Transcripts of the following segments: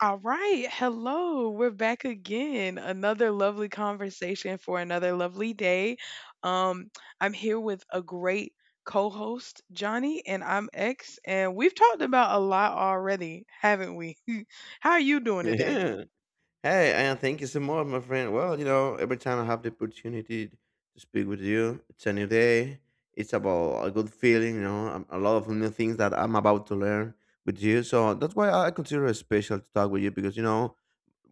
All right. Hello, we're back again. Another lovely conversation for another lovely day. Um, I'm here with a great co host, Johnny, and I'm X. And we've talked about a lot already, haven't we? How are you doing today? Yeah. Hey, and thank you so much, my friend. Well, you know, every time I have the opportunity to speak with you, it's a new day. It's about a good feeling, you know, a lot of new things that I'm about to learn with you. So that's why I consider it special to talk with you because, you know,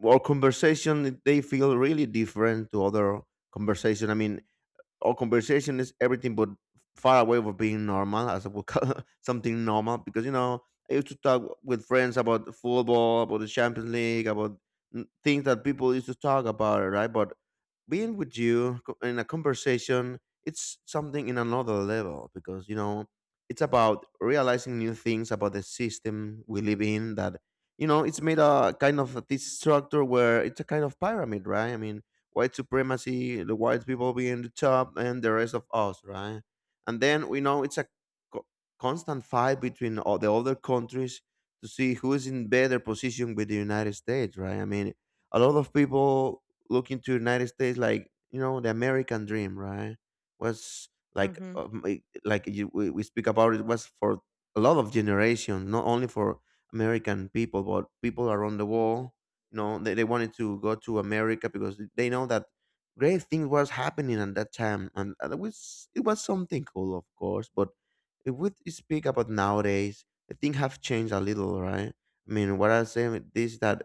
our conversation, they feel really different to other conversation. I mean, our conversation is everything but far away from being normal, as I would call something normal. Because you know, I used to talk with friends about football, about the Champions League, about things that people used to talk about, right? But being with you in a conversation, it's something in another level because you know it's about realizing new things about the system we live in. That you know, it's made a kind of this structure where it's a kind of pyramid, right? I mean, white supremacy, the white people being the top, and the rest of us, right? And then we know it's a co- constant fight between all the other countries to see who is in better position with the United States, right? I mean, a lot of people look into United States like you know the American dream, right? Was like Hmm. Like you, we speak about it was for a lot of generations, not only for American people, but people around the world you know they wanted to go to america because they know that great things was happening at that time and it was something cool of course. But if we speak about nowadays the thing have changed a little, right? I mean what I say with this is that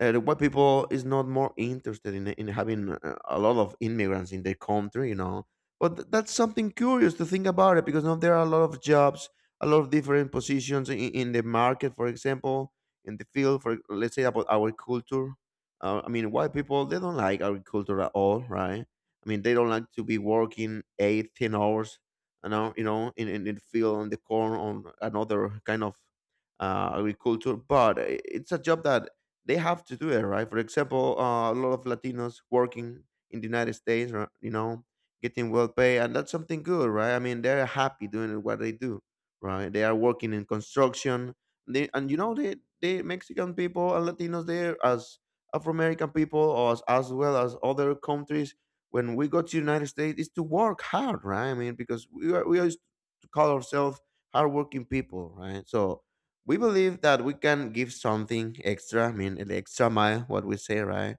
the white people is not more interested in having a lot of immigrants in their country, you know. But that's something curious to think about it because now there are a lot of jobs, a lot of different positions in the market, for example, in the field. For let's say about our culture, I mean, white people they don't like our culture at all, right? I mean, they don't like to be working 8, 10 hours, in in the field on the corn on another kind of agriculture. But it's a job that they have to do it, right? For example, a lot of Latinos working in the United States, right, you know, getting well paid, and that's something good, right? I mean, they're happy doing what they do, right? They are working in construction, and you know, they Mexican people and Latinos there as Afro American people, or as well as other countries. When we go to United States, is to work hard, right? I mean, because we used to call ourselves hardworking people, right? So we believe that we can give something extra, I mean, an extra mile, what we say, right?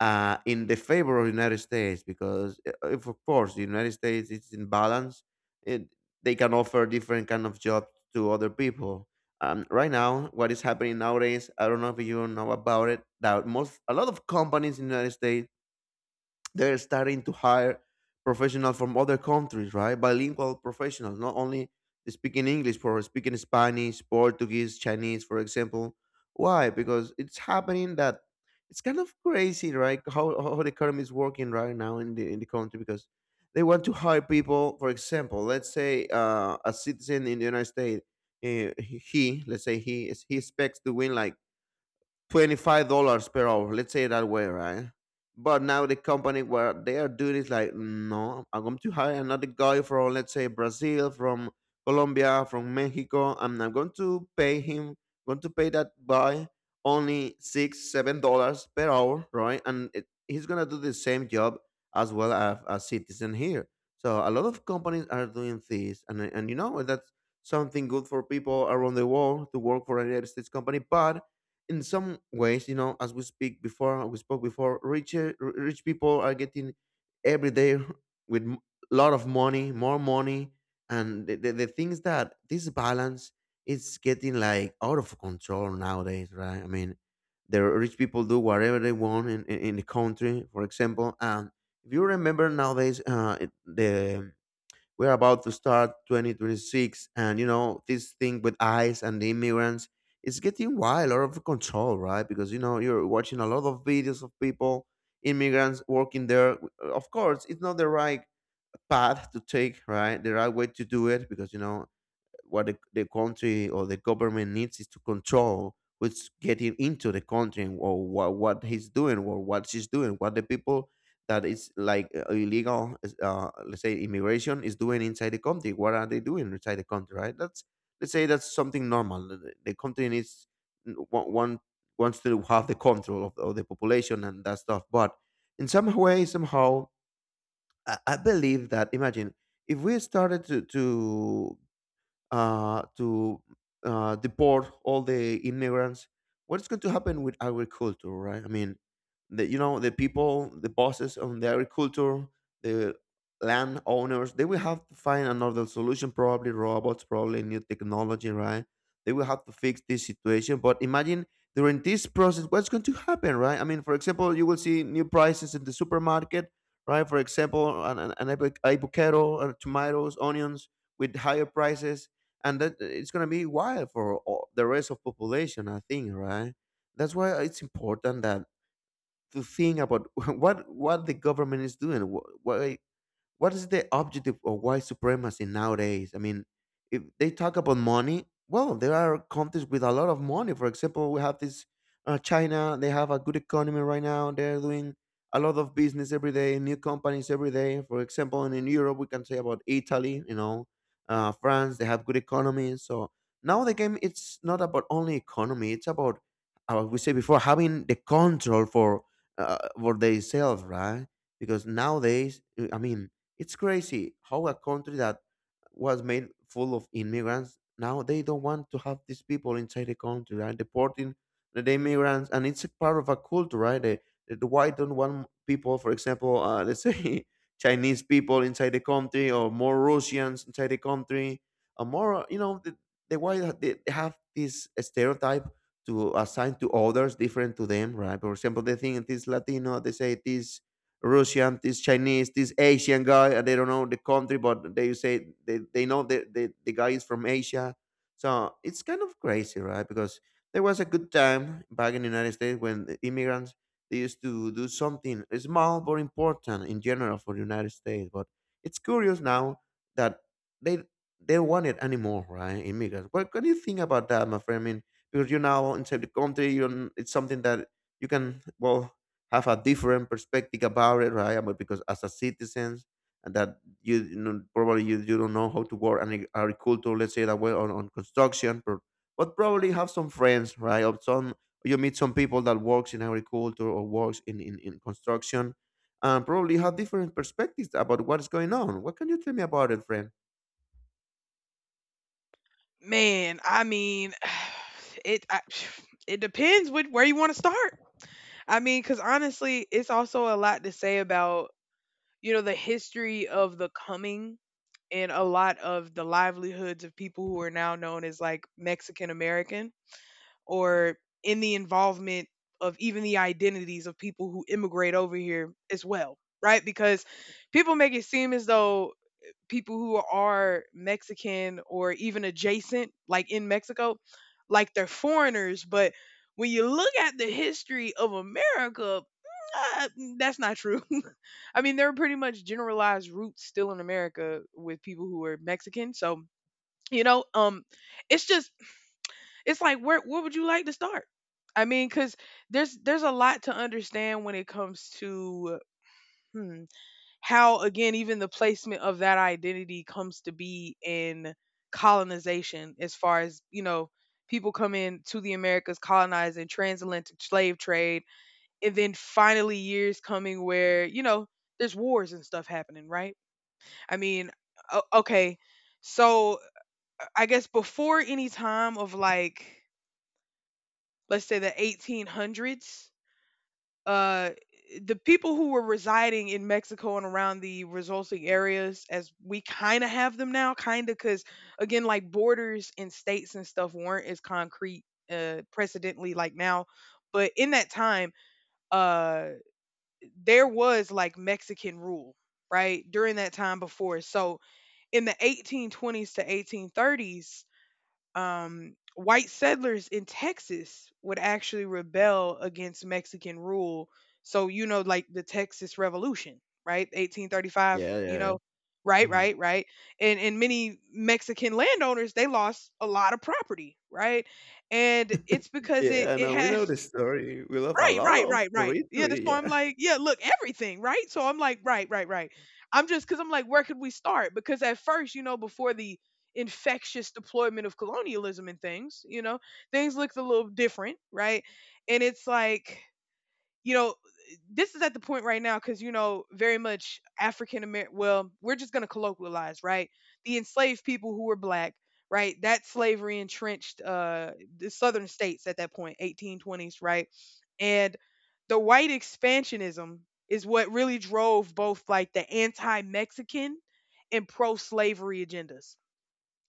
In the favor of the United States, because if of course the United States is in balance, it, they can offer different kind of jobs to other people. Right now, what is happening nowadays? I don't know if you know about it. That most a lot of companies in the United States they're starting to hire professionals from other countries, right? Bilingual professionals, not only speaking English, but speaking Spanish, Portuguese, Chinese, for example. Why? Because it's happening that it's kind of crazy, right? How the economy is working right now in the country because they want to hire people. For example, let's say a citizen in the United States, let's say he expects to win like $25 per hour. Let's say it that way, right? But now the company where they are doing is like, no, I'm going to hire another guy from let's say Brazil, from Colombia, from Mexico, and I'm going to pay him, going to pay that guy only $6, $7 per hour, right? And it, he's gonna do the same job as well as a citizen here. So a lot of companies are doing this, and you know that's something good for people around the world to work for a United States company, but in some ways, you know, as we speak before, we spoke before, rich people are getting every day with a lot of money, more money, and the things that this balance is getting like out of control nowadays, right? I mean, the rich people do whatever they want in the country, for example. And if you remember nowadays, it, the we're about to start 2026, and you know, this thing with ICE and the immigrants, it's getting wild, out of control, right? Because you know, you're watching a lot of videos of people, immigrants working there. Of course, it's not the right path to take, right? The right way to do it, because you know, what the country or the government needs is to control what's getting into the country and or what he's doing or what she's doing, what the people that is like illegal let's say immigration is doing inside the country, what are they doing inside the country, right? that's Let's say that's something normal, the country needs n- wa- want wants to have the control of the population and that stuff but in some way somehow I believe that imagine if we started to uh, to deport all the immigrants, what's going to happen with agriculture, right? I mean, the, you know, the people, the bosses on the agriculture, the land owners, they will have to find another solution, probably robots, probably new technology, right? They will have to fix this situation. But imagine during this process, what's going to happen, right? I mean, for example, you will see new prices in the supermarket, right? For example, avocado, tomatoes, onions with higher prices and that it's going to be wild for all, the rest of population I think, right? That's why it's important that to think about what the government is doing, why, what is the objective of white supremacy nowadays? I mean, if they talk about money, well, there are countries with a lot of money. For example, we have this China. They have a good economy right now. They're doing a lot of business every day, new companies every day. For example, and in Europe, we can say about Italy. You know, France. They have good economies. So now the game it's not about only economy. It's about we said before having the control for themselves, right? Because nowadays, I mean, it's crazy how a country that was made full of immigrants now they don't want to have these people inside the country, right? Deporting the immigrants, and it's a part of a culture, right? The white don't want people, for example, let's say Chinese people inside the country, or more Russians inside the country, or more, you know, the white they have this stereotype to assign to others different to them, right? For example, they think this Latino, they say this Russian, this Chinese, this Asian guy, and they don't know the country, but they say they know the guy is from Asia. So it's kind of crazy, right? Because there was a good time back in the United States when the immigrants they used to do something small but important in general for the United States. But it's curious now that they they don't want it anymore, right? Immigrants. What do you think about that, my friend? I mean, because you're now inside the country, you don't- it's something that you can well have a different perspective about it, right? But because as a citizen, and that you know, probably you don't know how to work and agriculture, let's say that way on construction, but probably have some friends, right? Or some you meet some people that works in agriculture or works in construction and probably have different perspectives about what's going on. What can you tell me about it, friend? Man, I mean, it, I, it depends with where you want to start. I mean, because honestly, it's also a lot to say about, you know, the history of the coming in a lot of the livelihoods of people who are now known as like Mexican American or in the involvement of even the identities of people who immigrate over here as well, right? Because people make it seem as though people who are Mexican or even adjacent, like in Mexico, like they're foreigners. But when you look at the history of America, uh, that's not true. I mean, there are pretty much generalized roots still in America with people who are Mexican. So, you know, it's just it's like where would you like to start? I mean, because there's a lot to understand when it comes to hmm, how again even the placement of that identity comes to be in colonization as far as you know people come in to the americas colonized and transatlantic slave trade, and then finally years coming where, you know, there's wars and stuff happening, right? I mean, okay, so I guess before any time of like, let's say, the 1800s, uh the people who were residing in Mexico and around the resulting areas as we kind of have them now, kind of, cuz again like borders and states and stuff weren't as concrete precedently, like now. But in that time, uh there was like Mexican rule, right, during that time before. So in the 1820s to 1830s, white settlers in Texas would actually rebel against Mexican rule. So, you know, like the Texas Revolution, right? 1835, Yeah, you yeah, yeah. know, right, Mhm. right, right. And, many Mexican landowners, they lost a lot of property, right? And it's because it, Yeah, it no, we had know the story. We love a right, lot right, of right, right. Yeah, that's territory. why I'm Yeah. like, yeah, look, everything, right? So I'm like, right, right, right. I'm just because I'm like, where could we start? Because at first, you know, before the infectious deployment of colonialism and things, you know, things looked a little different, right? And it's like, you know, this is at the point right now because, you know, very much African American, well, we're just going to colloquialize, right? The enslaved people who were black, right? That slavery entrenched the southern states at that point, 1820s, right? And the white expansionism is what really drove both like the anti Mexican and pro slavery agendas,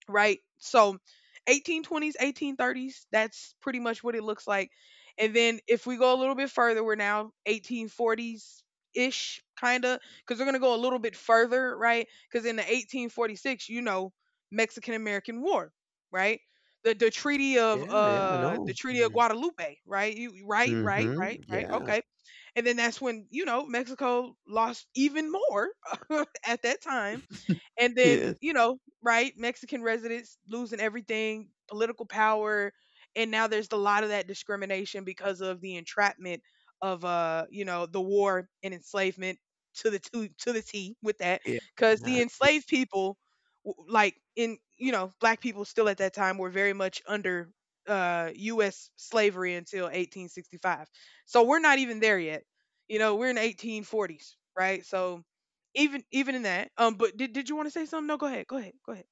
right? So 1820s, 1830s, that's pretty much what it looks like. And then if we go a little bit further, we're now 1840s ish, kind of, because we're going to go a little bit further, right? Because in the 1846, you know, Mexican American War, right? Yeah, yeah, I The know. treaty of Mm-hmm. guadalupe, right? You right, right, right, Mm-hmm. right, Yeah. okay, and then that's when, you know, mexico lost even more at that time. And then, Yes. you know, right, Mexican residents losing everything, political power, and now there's a lot of that discrimination because of the entrapment of you know, the war and enslavement to to the T with that Yeah. cuz Yeah. the enslaved people like, in, you know, black people still at that time were very much under US slavery until 1865. So we're not even there yet. You know, we're in 1840s, right? So even even in that, but did you wanna say something? No, go ahead, go ahead, go ahead.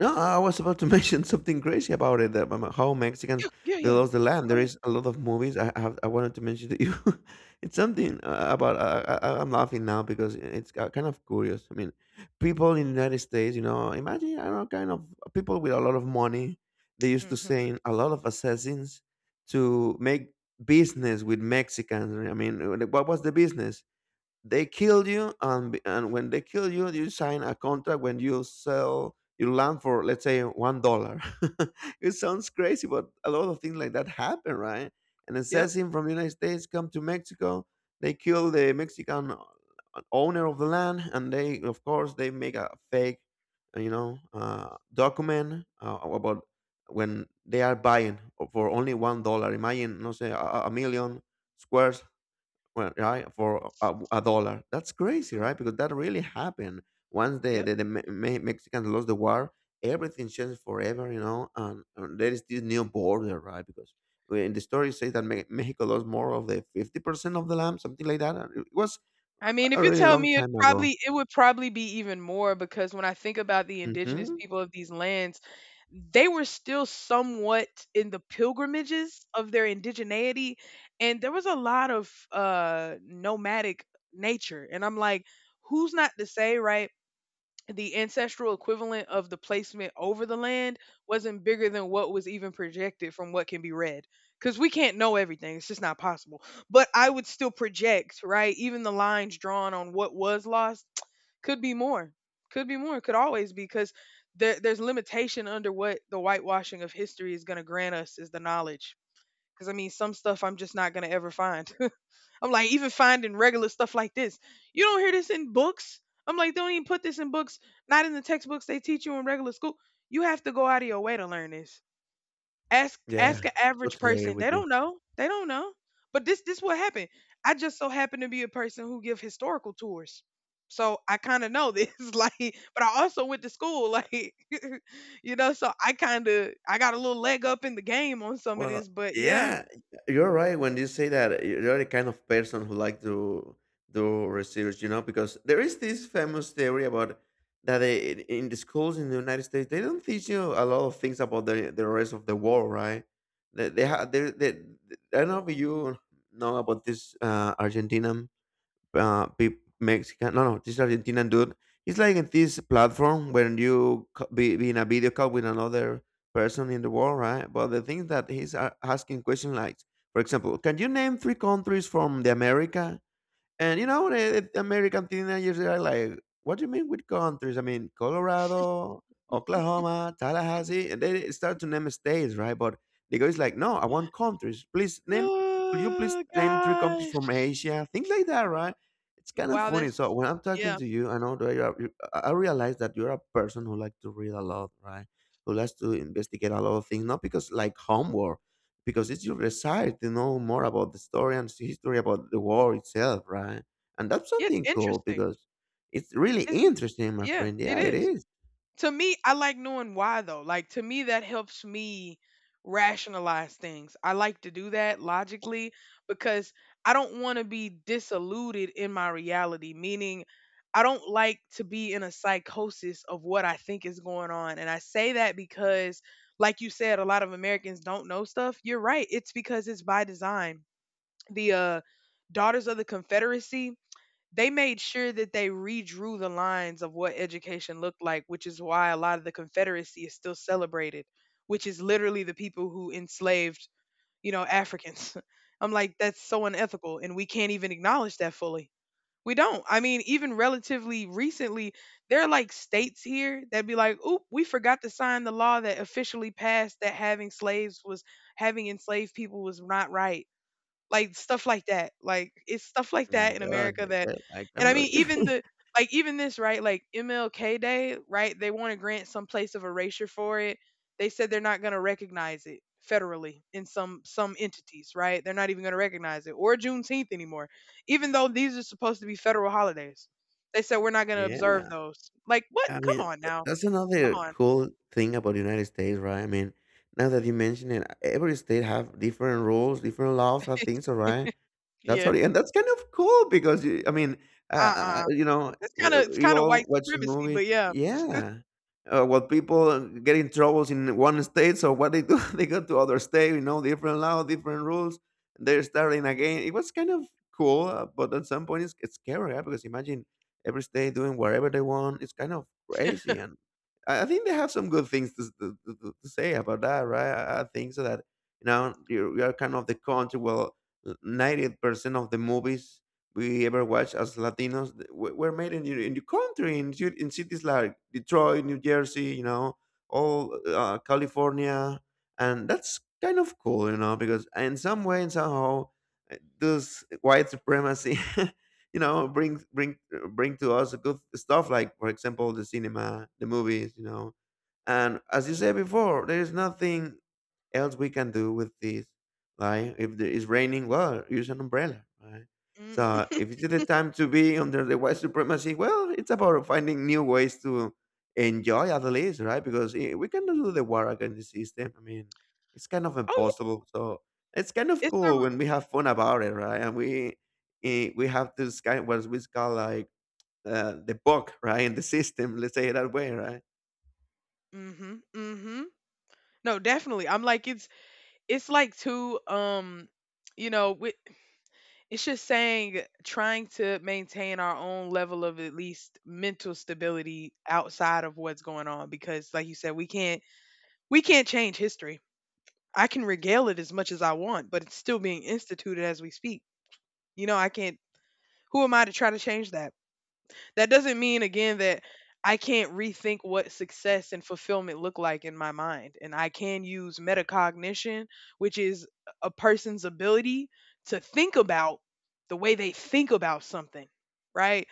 No, I was about to mention something crazy about it, that m how Mexicans Yeah, yeah, they yeah. lost the land. Go There ahead. is a lot of movies I wanted to mention to you. It's something about I'm laughing now because it's ki kind of curious. I mean, people in the United States, you know, imagine, I don't know, kind of people with a lot of money, they used to Mhm. send a lot of assassins to make business with Mexicans. I mean, what was the business? They kill you and when they kill you sign a contract when you sell your land for, let's say, one dollar. It sounds crazy, but a lot of things like that happen, right? An Yep. assassin from the United States come to Mexico. They kill the Mexican owner of the land, and they of course they make a fake document about when they are buying for only $1. Imagine, no, say a million squares. Well, right? For a dollar, that's crazy, Mm, right? Because that really happened. Once the yep. the, the Me- Me- mexicans lost the war, everything changed forever. And there is this new border, right? Because in the story it says that Mexico lost more of the 50% of the land, something like that, and it was I mean, if a you really tell long me it time ago. probably it would probably be even more because when I think about the indigenous Hmm. people of these lands, they were still somewhat in the pilgrimages of their indigeneity, and there was a lot of, nomadic nature, and I'm like, who's not to say, right, the ancestral equivalent of the placement over the land wasn't bigger than what was even projected from what can be read, because we can't know everything, it's just not possible. But I would still project, right, even the lines drawn on what was lost could be more, could be more, could always be, because there, there's limitation under what the whitewashing of history is going to grant us is the knowledge, because I mean some stuff I'm just not going to ever find. I'm like, even finding regular stuff like this. You don't hear this in books. I'm like, they don't even put this in books, not in the textbooks they teach you in regular school. You have to go out of your way to learn this. Yeah, Ask an average totally agree person. They with you. don't know. They don't know. But this what happened. I just so happen to be a person who give historical tours. So I kind of know this, like, but I also went to school, like, you know, so I kind of I got a little leg up in the game on some of Well, this, but yeah. yeah, you're right when you say that you're the kind of person who like to do research, you know, because there is this famous theory about that they, in the schools in the United States they don't teach you a lot of things about the rest of the world, right? They, I don't know if you know about this Argentina Mexican, no, no, this Argentinian dude. It's like in this platform when you be in a video call with another person in the world, right? But the thing that he's asking question like, for example, can you name three countries from the America? And you know, the American teenagers they are like, "What do you mean with countries? I mean, Colorado, Oklahoma, Tallahassee." And they start to name states, right? But the guy is like, "No, I want countries. Please name. Could you please Oh name three countries from gosh. Asia? Things like that, right?" It's kind of Wow, funny. that's So when I'm talking yeah. to you, I know that you're, you, I realize that you're a person who likes to read a lot, right? Who likes to investigate a lot of things, not because like homework, because it's your desire to know more about the story and see history about the war itself, right? And that's Yeah, it's something cool interesting. because it's really Isn't interesting, my yeah, friend. it Yeah, it is. is. To me, I like knowing why though. Like to me that helps me rationalize things. I like to do that logically because I don't want to be disillusioned in my reality, meaning I don't like to be in a psychosis of what I think is going on. And I say that because like you said a lot of Americans don't know stuff. You're right. It's because it's by design. The Daughters of the Confederacy, they made sure that they redrew the lines of what education looked like, which is why a lot of the Confederacy is still celebrated, which is literally the people who enslaved, you know, Africans. I'm like, that's so unethical, and we can't even acknowledge that fully. We don't. I mean, even relatively recently, there are like states here that be like, oop, we forgot to sign the law that officially passed that having slaves was having enslaved people was not right, like stuff like that. Like it's stuff like My that in gosh, America that, I and can't I mean believe even it. the like even this, right, like MLK Day, right, they want to grant some place of erasure for it. They said they're not going to recognize it federally in some entities, right. They're not even going to recognize it or Juneteenth anymore, even though these are supposed to be federal holidays. They said we're not going to observe Yeah, those. Like what? I mean, Come on now, that's come another on. cool thing about the United States, right? I mean, now that you mention it, every state have different rules, different laws, and things, all right? That's how Yeah. it, and that's kind of cool because you, I mean, uh. you know, we It's we kind of all white watch supremacy, movies, but yeah. yeah. Well, people get in troubles in one state, so what they do, they go to other state, you know, different law, different rules. They're starting again. It was kind of cool, but at some point it's scary, yeah, because imagine every state doing whatever they want. It's kind of crazy, and I think they have some good things to, s- to say about that, right? I think so that you are kind of the country. Well, 90% of the movies we ever watch as Latinos were made in your country, in cities like Detroit, New Jersey, you know, all California. And that's kind of cool, you know, because in some way and somehow this white supremacy, you know, bring to us good stuff, like, for example, the cinema, the movies, you know. And as you said before, there is nothing else we can do with this? Like, if there is raining, well, use an umbrella, right? Mm. So, if it's the time to be under the white supremacy, well, it's about finding new ways to enjoy at least, right? Because we cannot do the war against the system. I mean, it's kind of Oh yeah. impossible. So, it's kind of It's cool the when we have fun about it, right? And we, we have this kind what we call like the bug, right, in the system. Let's say it that way, right? mhm, mhm. No, definitely. I'm like it's like too you know, with, it's just saying trying to maintain our own level of at least mental stability outside of what's going on, because like you said we can't change history. I can regale it as much as I want, but it's still being instituted as we speak. You know, I can't who am I to try to change that? That doesn't mean again that I can't rethink what success and fulfillment look like in my mind. And I can use metacognition, which is a person's ability to think about the way they think about something, right?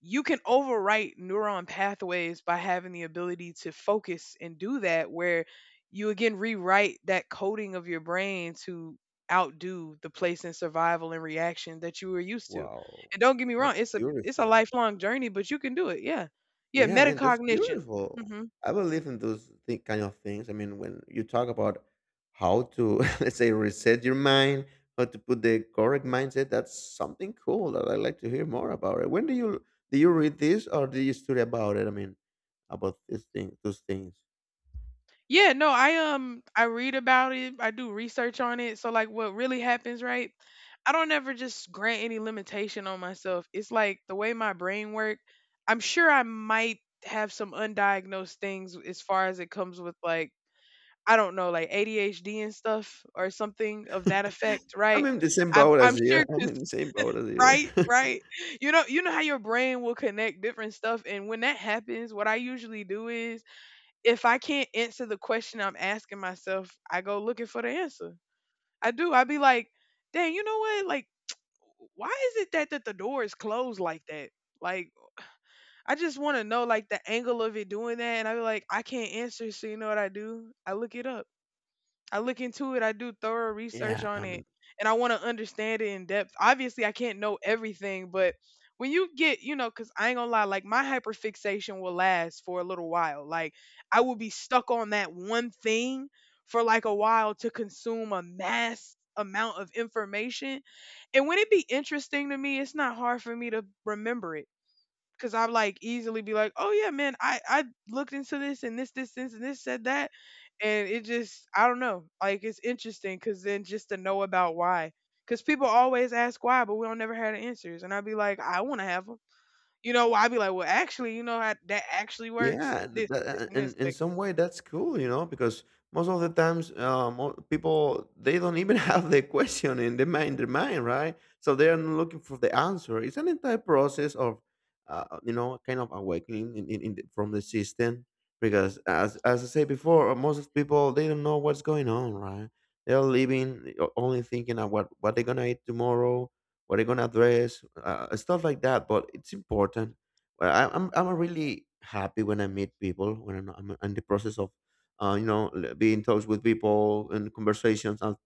You can overwrite neuron pathways by having the ability to focus and do that, where you again rewrite that coding of your brain to outdo the place in survival and reaction that you were used to. Wow, And don't get me that's wrong, it's a beautiful. lifelong journey, but you can do it. Yeah. Yeah, Yeah, man, that's metacognition. beautiful. Mhm. I believe in those kind of things. I mean, when you talk about how to, let's say, reset your mind, how to put the correct mindset, that's something cool that I'd like to hear more about it. When do you, do you read this or do you study about it? I mean, about this thing, those things. Yeah, no, I read about it. I do research on it. So like what really happens, right? I don't ever just grant any limitation on myself. It's like the way my brain work, I'm sure I might have some undiagnosed things as far as it comes with like I don't know, like ADHD and stuff or something of that effect, I'm right? in the same boat I'm as you. sure I'm in the same boat as you. right, right. You know how your brain will connect different stuff, and when that happens, what I usually do is, if I can't answer the question I'm asking myself, I go looking for the answer. I do. I be like, "Dang, you know what? Like, why is it that the door is closed like that? Like, I just want to know like the angle of it doing that." And I be like, "I can't answer, so you know what I do? I look it up." I look into it, I do thorough research Yeah, on it, I'm. and I want to understand it in depth. Obviously, I can't know everything, but when you get, because I ain't gonna lie, like my hyperfixation will last for a little while. Like I will be stuck on that one thing for like a while to consume a mass amount of information. And when it be interesting to me, it's not hard for me to remember it because I'm like easily be like, oh yeah, man, I looked into this and this and this said that, and it just I don't know, like it's interesting because then just to know about why, because people always ask why, but we don't never have the answers, and I'd be like, I want to have them, you know? I'd be like, well, actually, you know how that actually works, Yeah, this and this, and in like some way that's cool, you know, because most of the times people they don't even have the question in their mind, right? So they are not looking for the answer. It's an entire process of, you know, kind of awakening from the system. Because as I said before, most of people they don't know what's going on, right? They are living only thinking of what they're gonna eat tomorrow, what they're gonna dress, stuff like that. But it's important, well, I'm yeah, really happy when I meet people when I'm in the process of, being in touch with people and conversations and,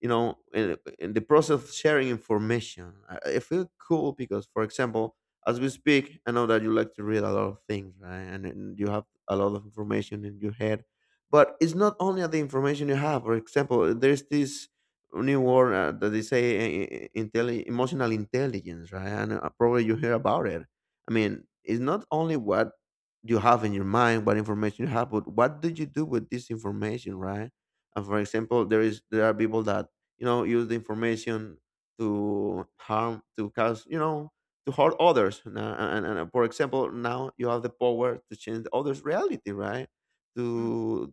you know, in the process of sharing information. I feel cool because, for example, as we speak, I know that you like to read a lot of things, right? And you have a lot of information in your head, but it's not only the information you have. For example, there's this new word that they say emotional intelligence, right? And probably you hear about it. I mean, it's not only what you have in your mind, what information you have, but what do you do with this information, right? And for example, there are people that use the information to harm, to cause, you know, to hurt others. And, for example, now you have the power to change the others' reality, right? mm, To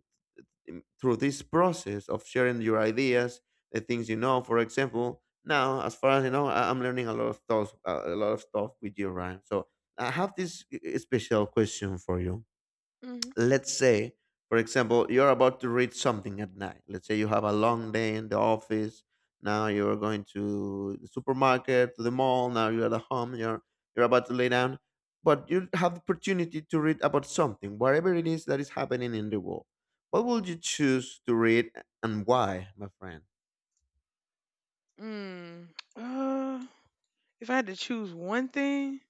through this process of sharing your ideas, the things you know. For example, now as far as you know, I'm learning a lot of stuff, a lot of stuff with you, Ryan. So I have this special question for you. hmm, Let's say, for example, you're about to read something at night. Let's say you have a long day in the office, now you're going to the supermarket, to the mall, now you're at home, you're about to lay down, but you have the opportunity to read about something, whatever it is that is happening in the world. What would you choose to read, and why, my friend? mm. Uh, if I had to choose one thing,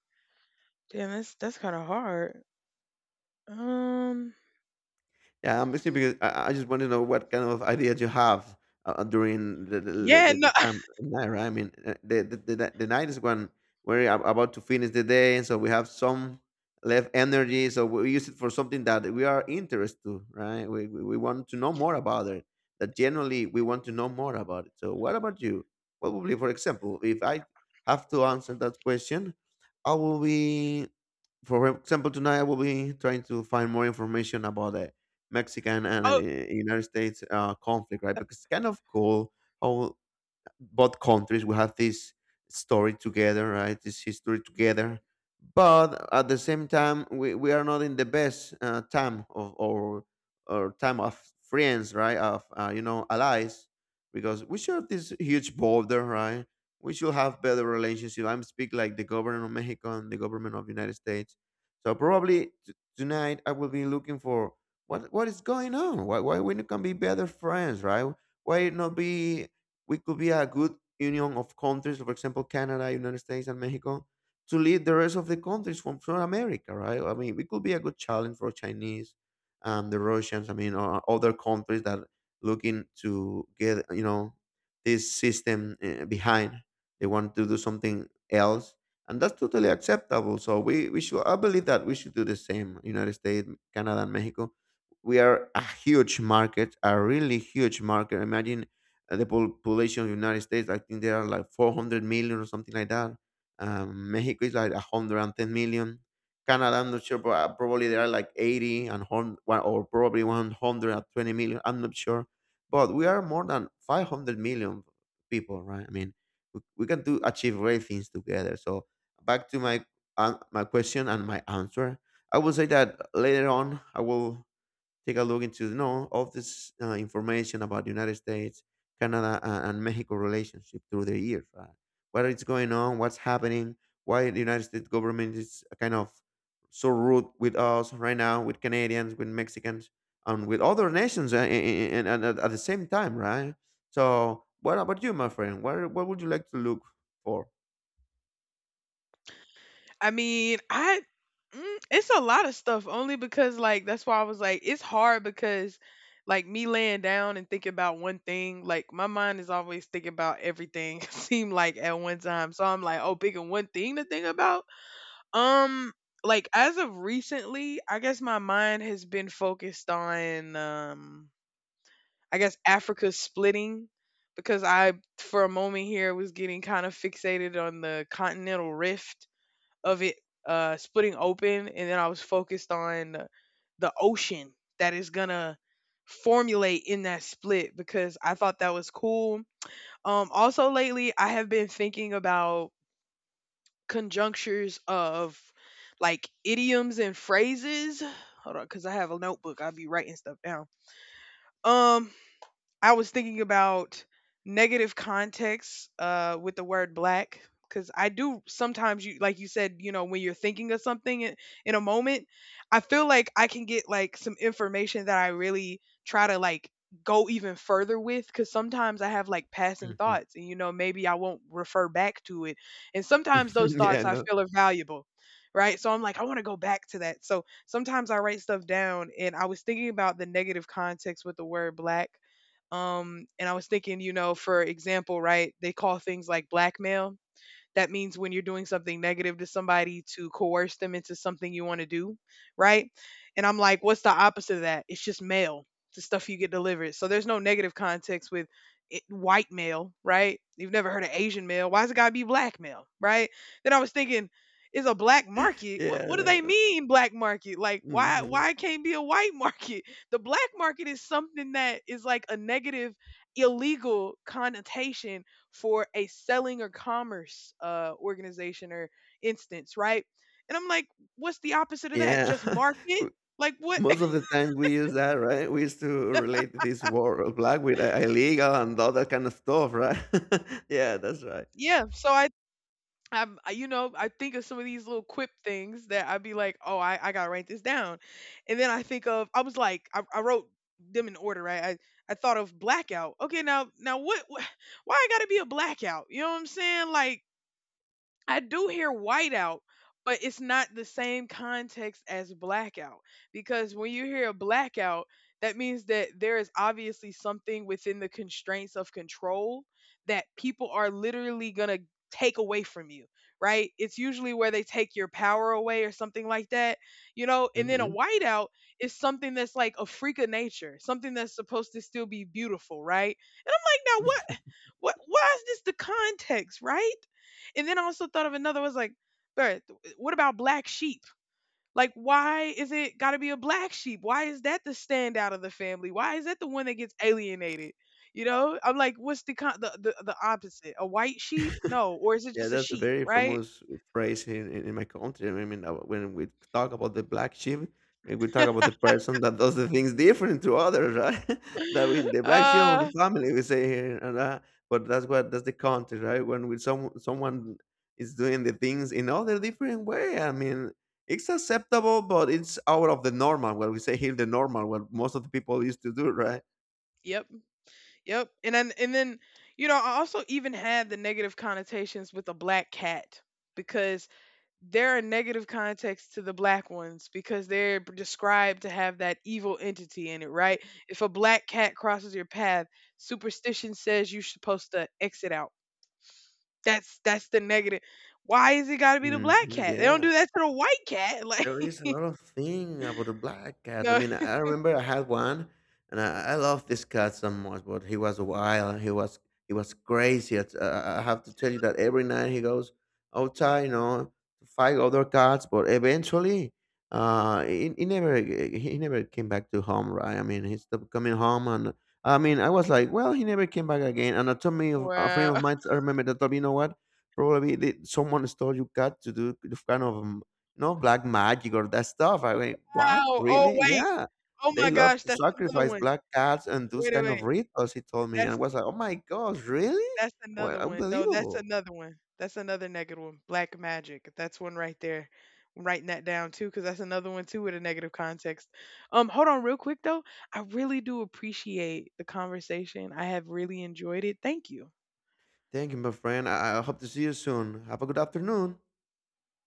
damn, that's kind of hard. Um, Yeah, I'm listening because I just want to know what kind of ideas you have during the the, yeah, the, no. the time at night, right? I mean, the night is when we're about to finish the day, and so we have some left energy, so we use it for something that we are interested to, right? We want to know more about it. That generally we want to know more about it. So, what about you? What would be, for example, if I have to answer that question, I will be. For example, tonight I will be trying to find more information about the Mexican and United States conflict, right? Because it's kind of cool how both countries we have this story together, right, this history together, but at the same time we are not in the best time of, or time of friends, right, of allies, because we share this huge border, right. We should have better relationship. I'm speak like the government of Mexico and the government of United States. So probably tonight, I will be looking for what is going on, why we not can be better friends, right? why not be We could be a good union of countries, for example, Canada, United States, and Mexico, to lead the rest of the countries from South America, right? I mean, it could be a good challenge for Chinese and the Russians. I mean, or other countries that looking to get, this system behind. They want to do something else, and that's totally acceptable. So we should. I believe that we should do the same. United States, Canada, and Mexico. We are a huge market, a really huge market. Imagine the population of United States, I think there are like 400 million or something like that. Mexico is like 110 million. Canada, I'm not sure, but probably there are like 80 and or probably 120 million. I'm not sure. But we are more than 500 million people, right? I mean, we can do achieve great things together. So back to my an my question and my answer. I will say that later on I will take a look into, you know, all this information about the United States, Canada, and Mexico relationship through the years. Right? What is going on? What's happening? Why the United States government is kind of so rude with us right now, with Canadians, with Mexicans, and with other nations, and at the same time, right? So, what about you, my friend? What would you like to look for? I mean, I it's a lot of stuff only because like that's why I was like it's hard because like me laying down and thinking about one thing, like my mind is always thinking about everything seem like at one time. So I'm like, oh, picking one thing to think about. Um like as of recently, I guess my mind has been focused on I guess Africa splitting, because I for a moment here was getting kind of fixated on the continental rift of it splitting open, and then I was focused on the ocean that is gonna formulate in that split because I thought that was cool. Also lately I have been thinking about conjunctures of like idioms and phrases. Hold on, because I have a notebook. I'll be writing stuff down. Um I was thinking about negative context with the word black, because I do sometimes you like you said, you know, when you're thinking of something in a moment, I feel like I can get like some information that I really try to like go even further with, because sometimes I have like passing thoughts and you know maybe I won't refer back to it, and sometimes those Yeah, thoughts I no. feel are valuable, right? So I'm like, I want to go back to that, so sometimes I write stuff down, and I was thinking about the negative context with the word black. And I was thinking, you know, for example, right, they call things like blackmail. That means when you're doing something negative to somebody to coerce them into something you want to do, right? And I'm like, what's the opposite of that? It's just mail, the stuff you get delivered. So there's no negative context with it, white male, right? You've never heard of Asian male. Why's it gotta be black male, right? Then I was thinking, is a black market? What do they Yeah, mean black market? Like why mhm. why it can't be a white market? The black market is something that is like a negative illegal connotation for a selling or commerce organization or instance, right? And I'm like, what's the opposite of that? Yeah. Just market? Like what? Most of the times we use that, right? We used to relate this war of black with illegal and all that kind of stuff, right? Yeah, that's right. Yeah. So you know, I think of some of these little quip things that I'd be like, oh, I gotta write this down, and then I think of, I was like, I wrote them in order, right? I thought of blackout. Okay, now, now what? Why I gotta be a blackout? You know what I'm saying? Like I do hear whiteout, but it's not the same context as blackout, because when you hear a blackout, that means that there is obviously something within the constraints of control that people are literally going to take away from you, right? It's usually where they take your power away or something like that, you know? And then a Mhm. whiteout is something that's like a freak of nature, something that's supposed to still be beautiful, right? Like, now, what? What? Why is this the context, right? And then I also thought of another. I was like, "Bruh, what about black sheep? Like, why is it got to be a black sheep? Why is that the standout of the family? Why is that the one that gets alienated? You know, I'm like, what's the the, the opposite? A white sheep? No, or is it Yeah, just a that's a sheep? very Right? famous phrase in my country. I mean, when we talk about the black sheep, we talk about the person that does the things different to others, right? That we, the black sheep of the uh, family, we say here, and but that's what that's the country, right? When with someone is doing the things in other different way, I mean, it's acceptable, but it's out of the normal. What we say here, the normal, what most of the people used to do, right? yep, yep. And then you know, I also even had the negative connotations with a black cat, because there are negative contexts to the black ones because they're described to have that evil entity in it, right? If a black cat crosses your path, superstition says you're supposed to exit out. That's the negative. Why is it got to be the Hmm. black cat? They don't Yeah, do that to the white cat. Like there is a lot of thing about the black cat. I no. mean, I remember I had one, and I love this cat so much. But he was wild, and he was crazy. I have to tell you that every night he goes outside, you know, to fight other cats. But eventually, he never came back to home. Right? I mean, he stopped coming home, and I mean, I was like, well, he never came back again. And I told me a friend of Wow. mine, I remember, that told me, you know what? Probably they, someone stole your cat to do kind of, no, black magic or that stuff. I mean, what? Wow. Oh Really? wait. Yeah. Oh They my love gosh. to That's another sacrifice one. black cats and those Wait a kind of wait. rituals, he told me. And I That's was like, oh my gosh, really? That's Well, another one. No, that's unbelievable. another one. That's another negative one. Black magic. That's one right there. I'm writing that down too, because that's another one too with a negative context. Hold on real quick though. I really do appreciate the conversation. I have really enjoyed it. Thank you. Thank you, my friend. I hope to see you soon. Have a good afternoon.